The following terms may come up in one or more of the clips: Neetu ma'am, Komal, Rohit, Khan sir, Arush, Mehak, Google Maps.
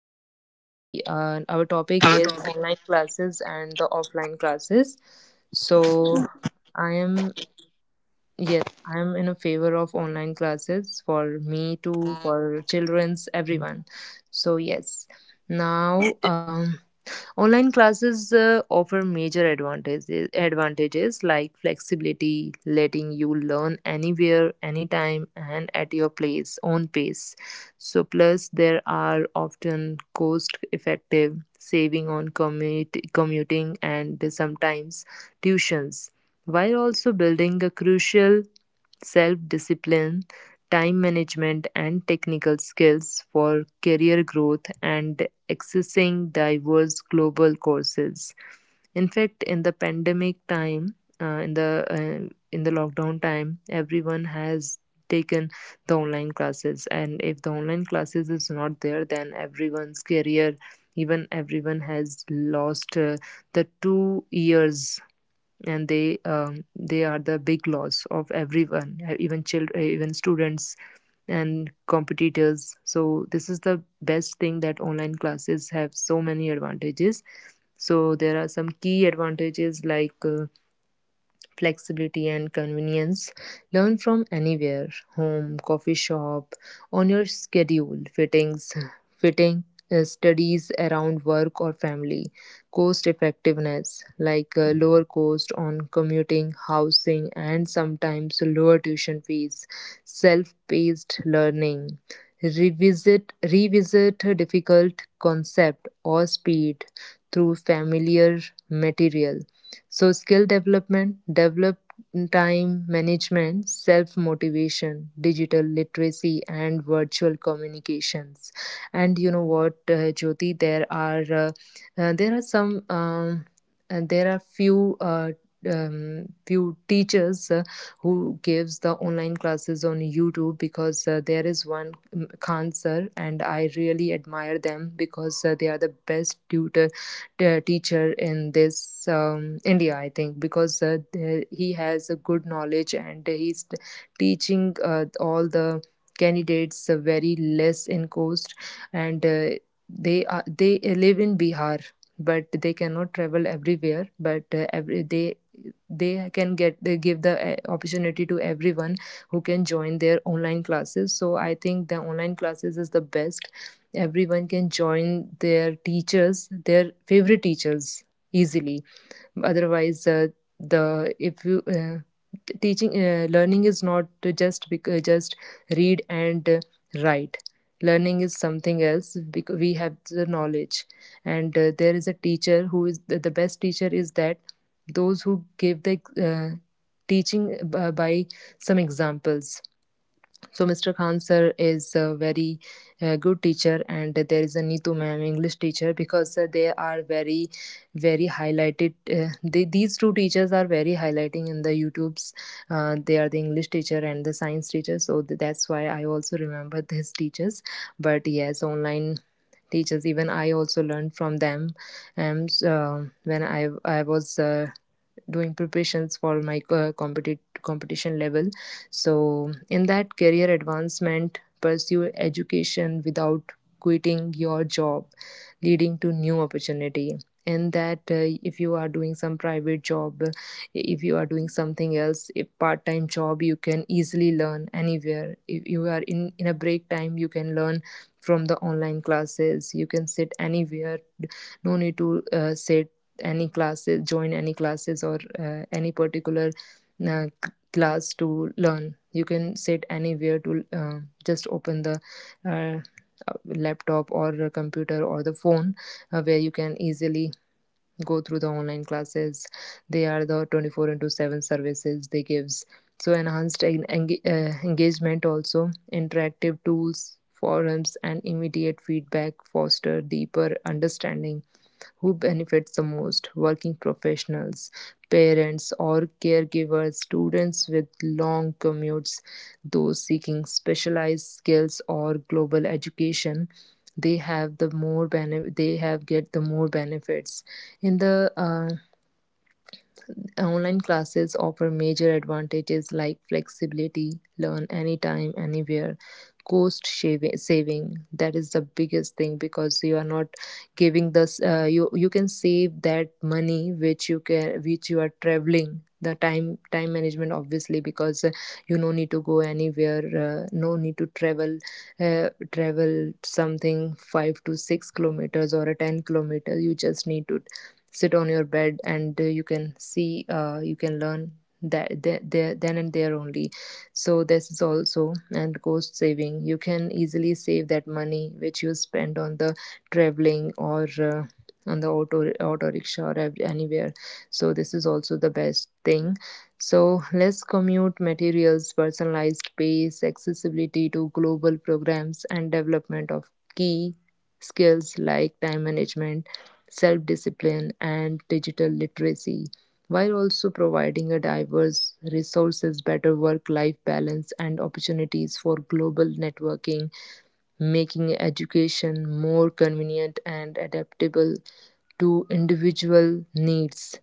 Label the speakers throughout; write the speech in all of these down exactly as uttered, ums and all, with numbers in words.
Speaker 1: and we uh, our topic is online classes and the offline classes. So, I am yes, I am in a favor of online classes for me too, for children's, everyone. So yes, now um, online classes uh, offer major advantages, advantages like flexibility, letting you learn anywhere, anytime, and at your place, own pace. So, plus, there are often cost effective saving on commute, commuting and sometimes tuitions, while also building a crucial self-discipline, time management, and technical skills for career growth and accessing diverse global courses. In fact, in the pandemic time, uh, in the uh, in the lockdown time, everyone has taken the online classes, and if the online classes is not there, then everyone's career, even everyone has lost uh, the two years, and they um, they are the big loss of everyone e-, even children, even students and competitors. So this is the best thing, that online classes have so many advantages. So there are some key advantages like uh, flexibility and convenience. Learn from anywhere, home, coffee shop, on your schedule, fittings, fitting uh, studies around work or family, cost effectiveness like uh, lower cost on commuting, housing, and sometimes lower tuition fees, self paced learning, revisit revisit a difficult concept or speed through familiar material. So, skill development, develop time management, self motivation, digital literacy, and virtual communications. And you know what, uh, Jyoti, there are uh, uh, there are some um, and there are few. Uh, um, few teachers uh, who gives the online classes on YouTube, because uh, there is one um, Khan sir, and I really admire them because uh, they are the best tutor t- teacher in this um, India, I think, because uh, the- he has a good knowledge, and he's t- teaching uh, all the candidates uh, very less in cost, and uh, they are they live in Bihar, but they cannot travel everywhere. But uh, every they they can get they give the uh, opportunity to everyone who can join their online classes. So I think the online classes is the best. Everyone can join their teachers, their favorite teachers, easily. Otherwise uh, the if you uh, teaching uh, learning is not just bec- uh, just read and uh, write. Learning is something else, because we have the knowledge, and uh, there is a teacher who is the, the best teacher is that, those who give the uh, teaching b- by some examples. So mister Khan sir is a very uh, good teacher, and there is a Neetu ma'am English teacher, because uh, they are very, very highlighted. Uh, they, these two teachers are very highlighting in the YouTubes. Uh, they are the English teacher and the science teacher, so th- that's why I also remember these teachers. But yes, online teachers, even I also learned from them, and um, when i i was uh, doing preparations for my uh, competi- competition level. So in that, career advancement, pursue education without quitting your job, leading to new opportunity. And that uh, if you are doing some private job, if you are doing something else, a part-time job, you can easily learn anywhere. If you are in in a break time, you can learn from the online classes. You can sit anywhere, no need to uh, sit any classes, join any classes, or uh, any particular uh, class to learn. You can sit anywhere to uh, just open the uh, laptop, or a computer, or the phone, uh, where you can easily go through the online classes. They are the twenty-four into seven services they gives. So enhanced en- enga- uh, engagement also, interactive tools, forums, and immediate feedback foster deeper understanding. Who benefits the most? Working professionals, parents or caregivers, students with long commutes, those seeking specialized skills or global education. They have the more benefit, they have get the more benefits in the uh, online classes offer major advantages like flexibility, learn anytime, anywhere, cost shavi- saving. That is the biggest thing, because you are not giving this. Uh, you you can save that money which you can, which you are traveling. The time time management, obviously, because uh, you no need to go anywhere, uh, no need to travel, uh, travel something five to six kilometers or a ten kilometer. You just need to sit on your bed, and uh, you can see uh, you can learn that there, there then and there only. So this is also, and cost saving, you can easily save that money which you spend on the traveling or uh, on the auto auto rickshaw or ev- anywhere. So this is also the best thing. So less commute materials, personalized pace, accessibility to global programs, and development of key skills like time management, self discipline, and digital literacy, while also providing a diverse resources, better work life balance, and opportunities for global networking, making education more convenient and adaptable to individual needs.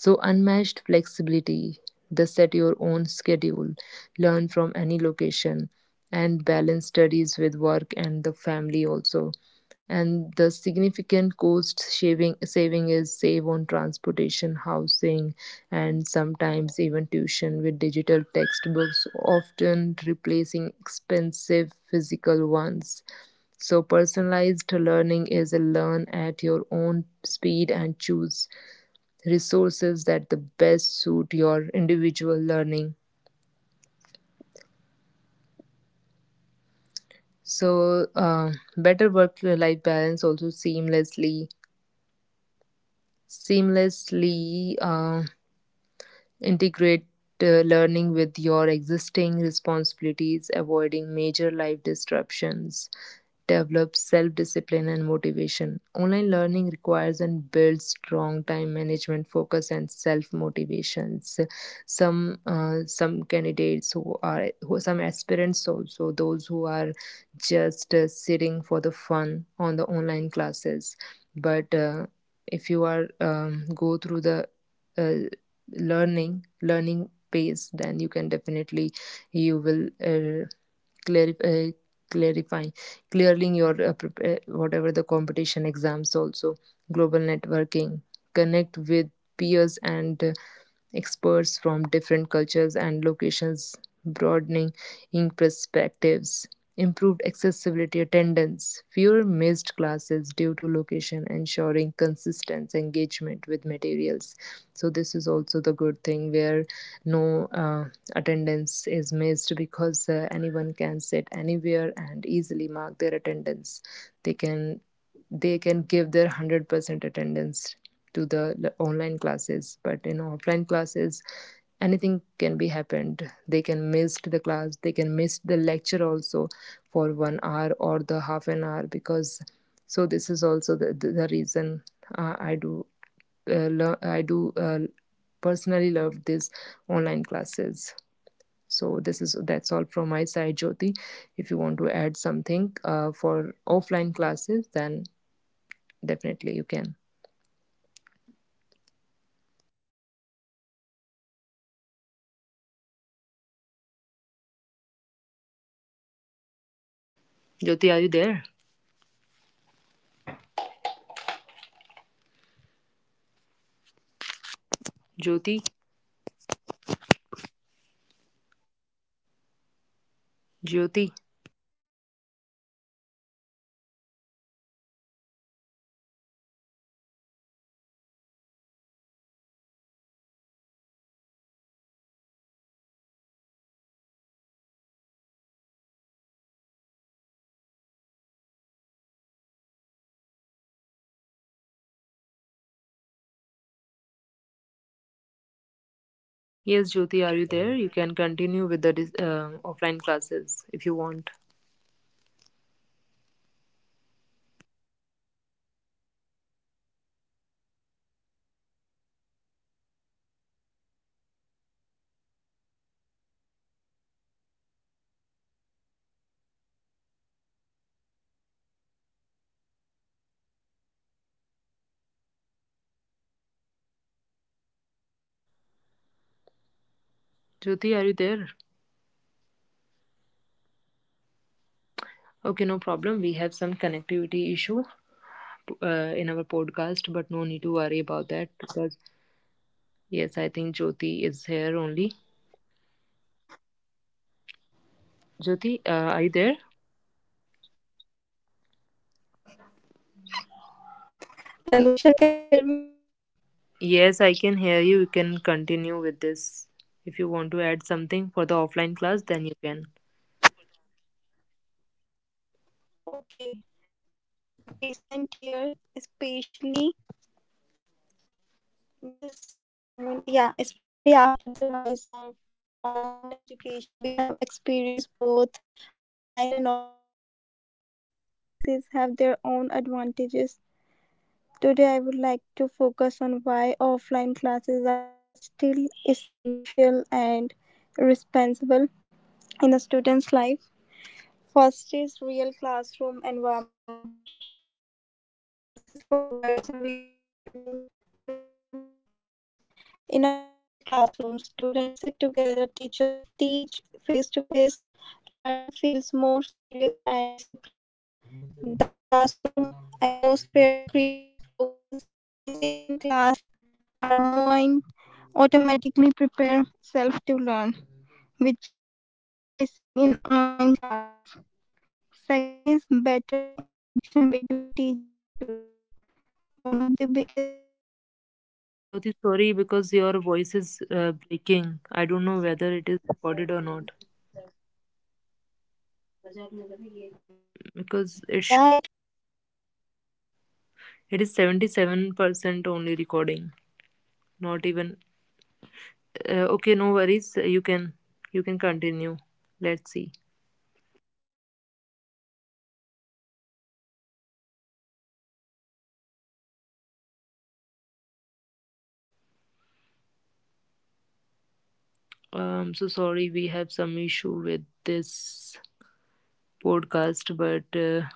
Speaker 1: So, unmatched flexibility, the set your own schedule, learn from any location, and balance studies with work and the family also. And the significant cost saving, saving is save on transportation, housing, and sometimes even tuition with digital textbooks, often replacing expensive physical ones. So, personalized learning is a learn at your own speed and choose resources that the best suit your individual learning. So, uh, better work life balance also seamlessly, seamlessly uh, integrate uh, learning with your existing responsibilities, avoiding major life disruptions. Develop self discipline and motivation. Online learning requires and builds strong time management, focus, and self motivations. Some uh, some candidates who are, who some aspirants also, those who are just uh, sitting for the fun on the online classes, but uh, if you are um, go through the uh, learning learning pace, then you can definitely you will uh, clarify clarify clearing your uh, prep- uh, whatever the competition exams also. Global networking, connect with peers and uh, experts from different cultures and locations, broadening in perspectives, improved accessibility attendance, fewer missed classes due to location, ensuring consistent engagement with materials. So, this is also the good thing where no uh, attendance is missed, because uh, anyone can sit anywhere and easily mark their attendance. They can they can give their one hundred percent attendance to the online classes, but in offline classes anything can be happened. They can miss the class, they can miss the lecture also for one hour or the half an hour, because so this is also the, the, the reason uh, i do uh, lo- I do uh, personally love these online classes. So this is that's all from my side, Jyoti. If you want to add something uh, for offline classes, then definitely, you can.
Speaker 2: Yeah, sure. So, I'm going to speak on a very
Speaker 1: Jyoti, are you
Speaker 2: important
Speaker 1: there?
Speaker 2: topic, which is offline classes. Yes, can you hear me?
Speaker 1: Jyoti,
Speaker 2: Can you hear me? Hello?
Speaker 1: Jyoti.
Speaker 2: Hello? Anusha? Anusha?
Speaker 1: Yes, Jyoti, are you there? You can continue with the dis- uh, offline classes if you want.
Speaker 2: Okay, okay. I think there's some network issues going on. Am I audible perfectly? Okay, so I'm going to
Speaker 1: Jyoti, are you
Speaker 2: speak
Speaker 1: there?
Speaker 2: on a very important and meaningful.
Speaker 1: Okay, no problem. We have some connectivity issue uh, in our podcast, but no need to worry about that, because, yes, I think Jyoti is here only. Jyoti, uh, are you there?
Speaker 2: Anusha, can you hear me?
Speaker 1: Yes, I can hear you. You can continue with this. If you want to add something for the offline class, then you can.
Speaker 2: Okay. So in recent year, especially just a moment, yeah, especially after the rise of online education, we have experienced both online and offline modes of learning. While online classes have their own advantages, today I would like to focus on why offline classes are still essential and indispensable in a student's life. First is real classroom environment. Offline classes provides a real learning environment. In a physical classroom, students sit together, teachers teach face to face. Learning feels more serious and disciplined. The classroom atmosphere creates focus. When we sit in class, our mind automatically prepare itself to learn, which is often missing in online classes. Second is better interaction between teacher and student. One of the biggest advantages of offline classes
Speaker 1: Jyoti,
Speaker 2: is
Speaker 1: sorry,
Speaker 2: direct
Speaker 1: because your
Speaker 2: interaction.
Speaker 1: voice is uh, breaking. I don't know whether it is recorded or not,
Speaker 2: Yeah, it will
Speaker 1: because
Speaker 2: be
Speaker 1: it sh-
Speaker 2: recorded.
Speaker 1: it is seventy-seven percent only recording. Not even
Speaker 2: Hello.
Speaker 1: uh, okay, no worries. You can you can continue. Let's see. Um, so sorry, we have some issue with this podcast, but uh,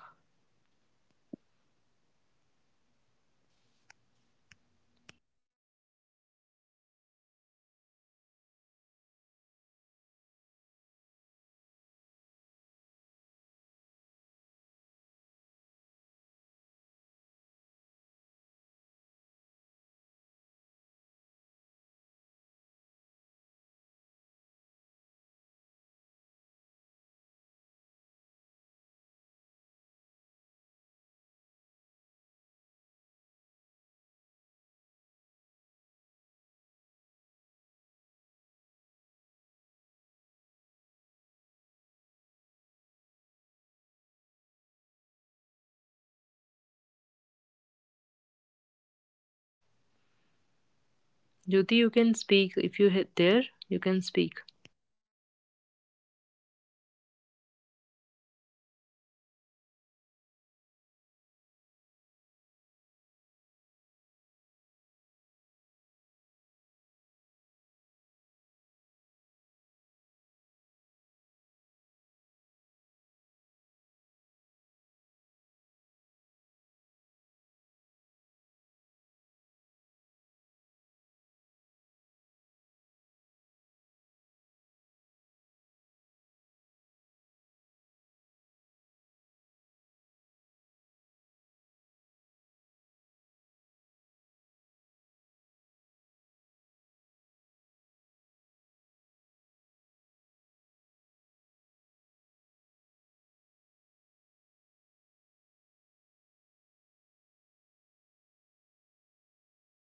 Speaker 1: Jyoti, you can speak if you hit there. You can speak.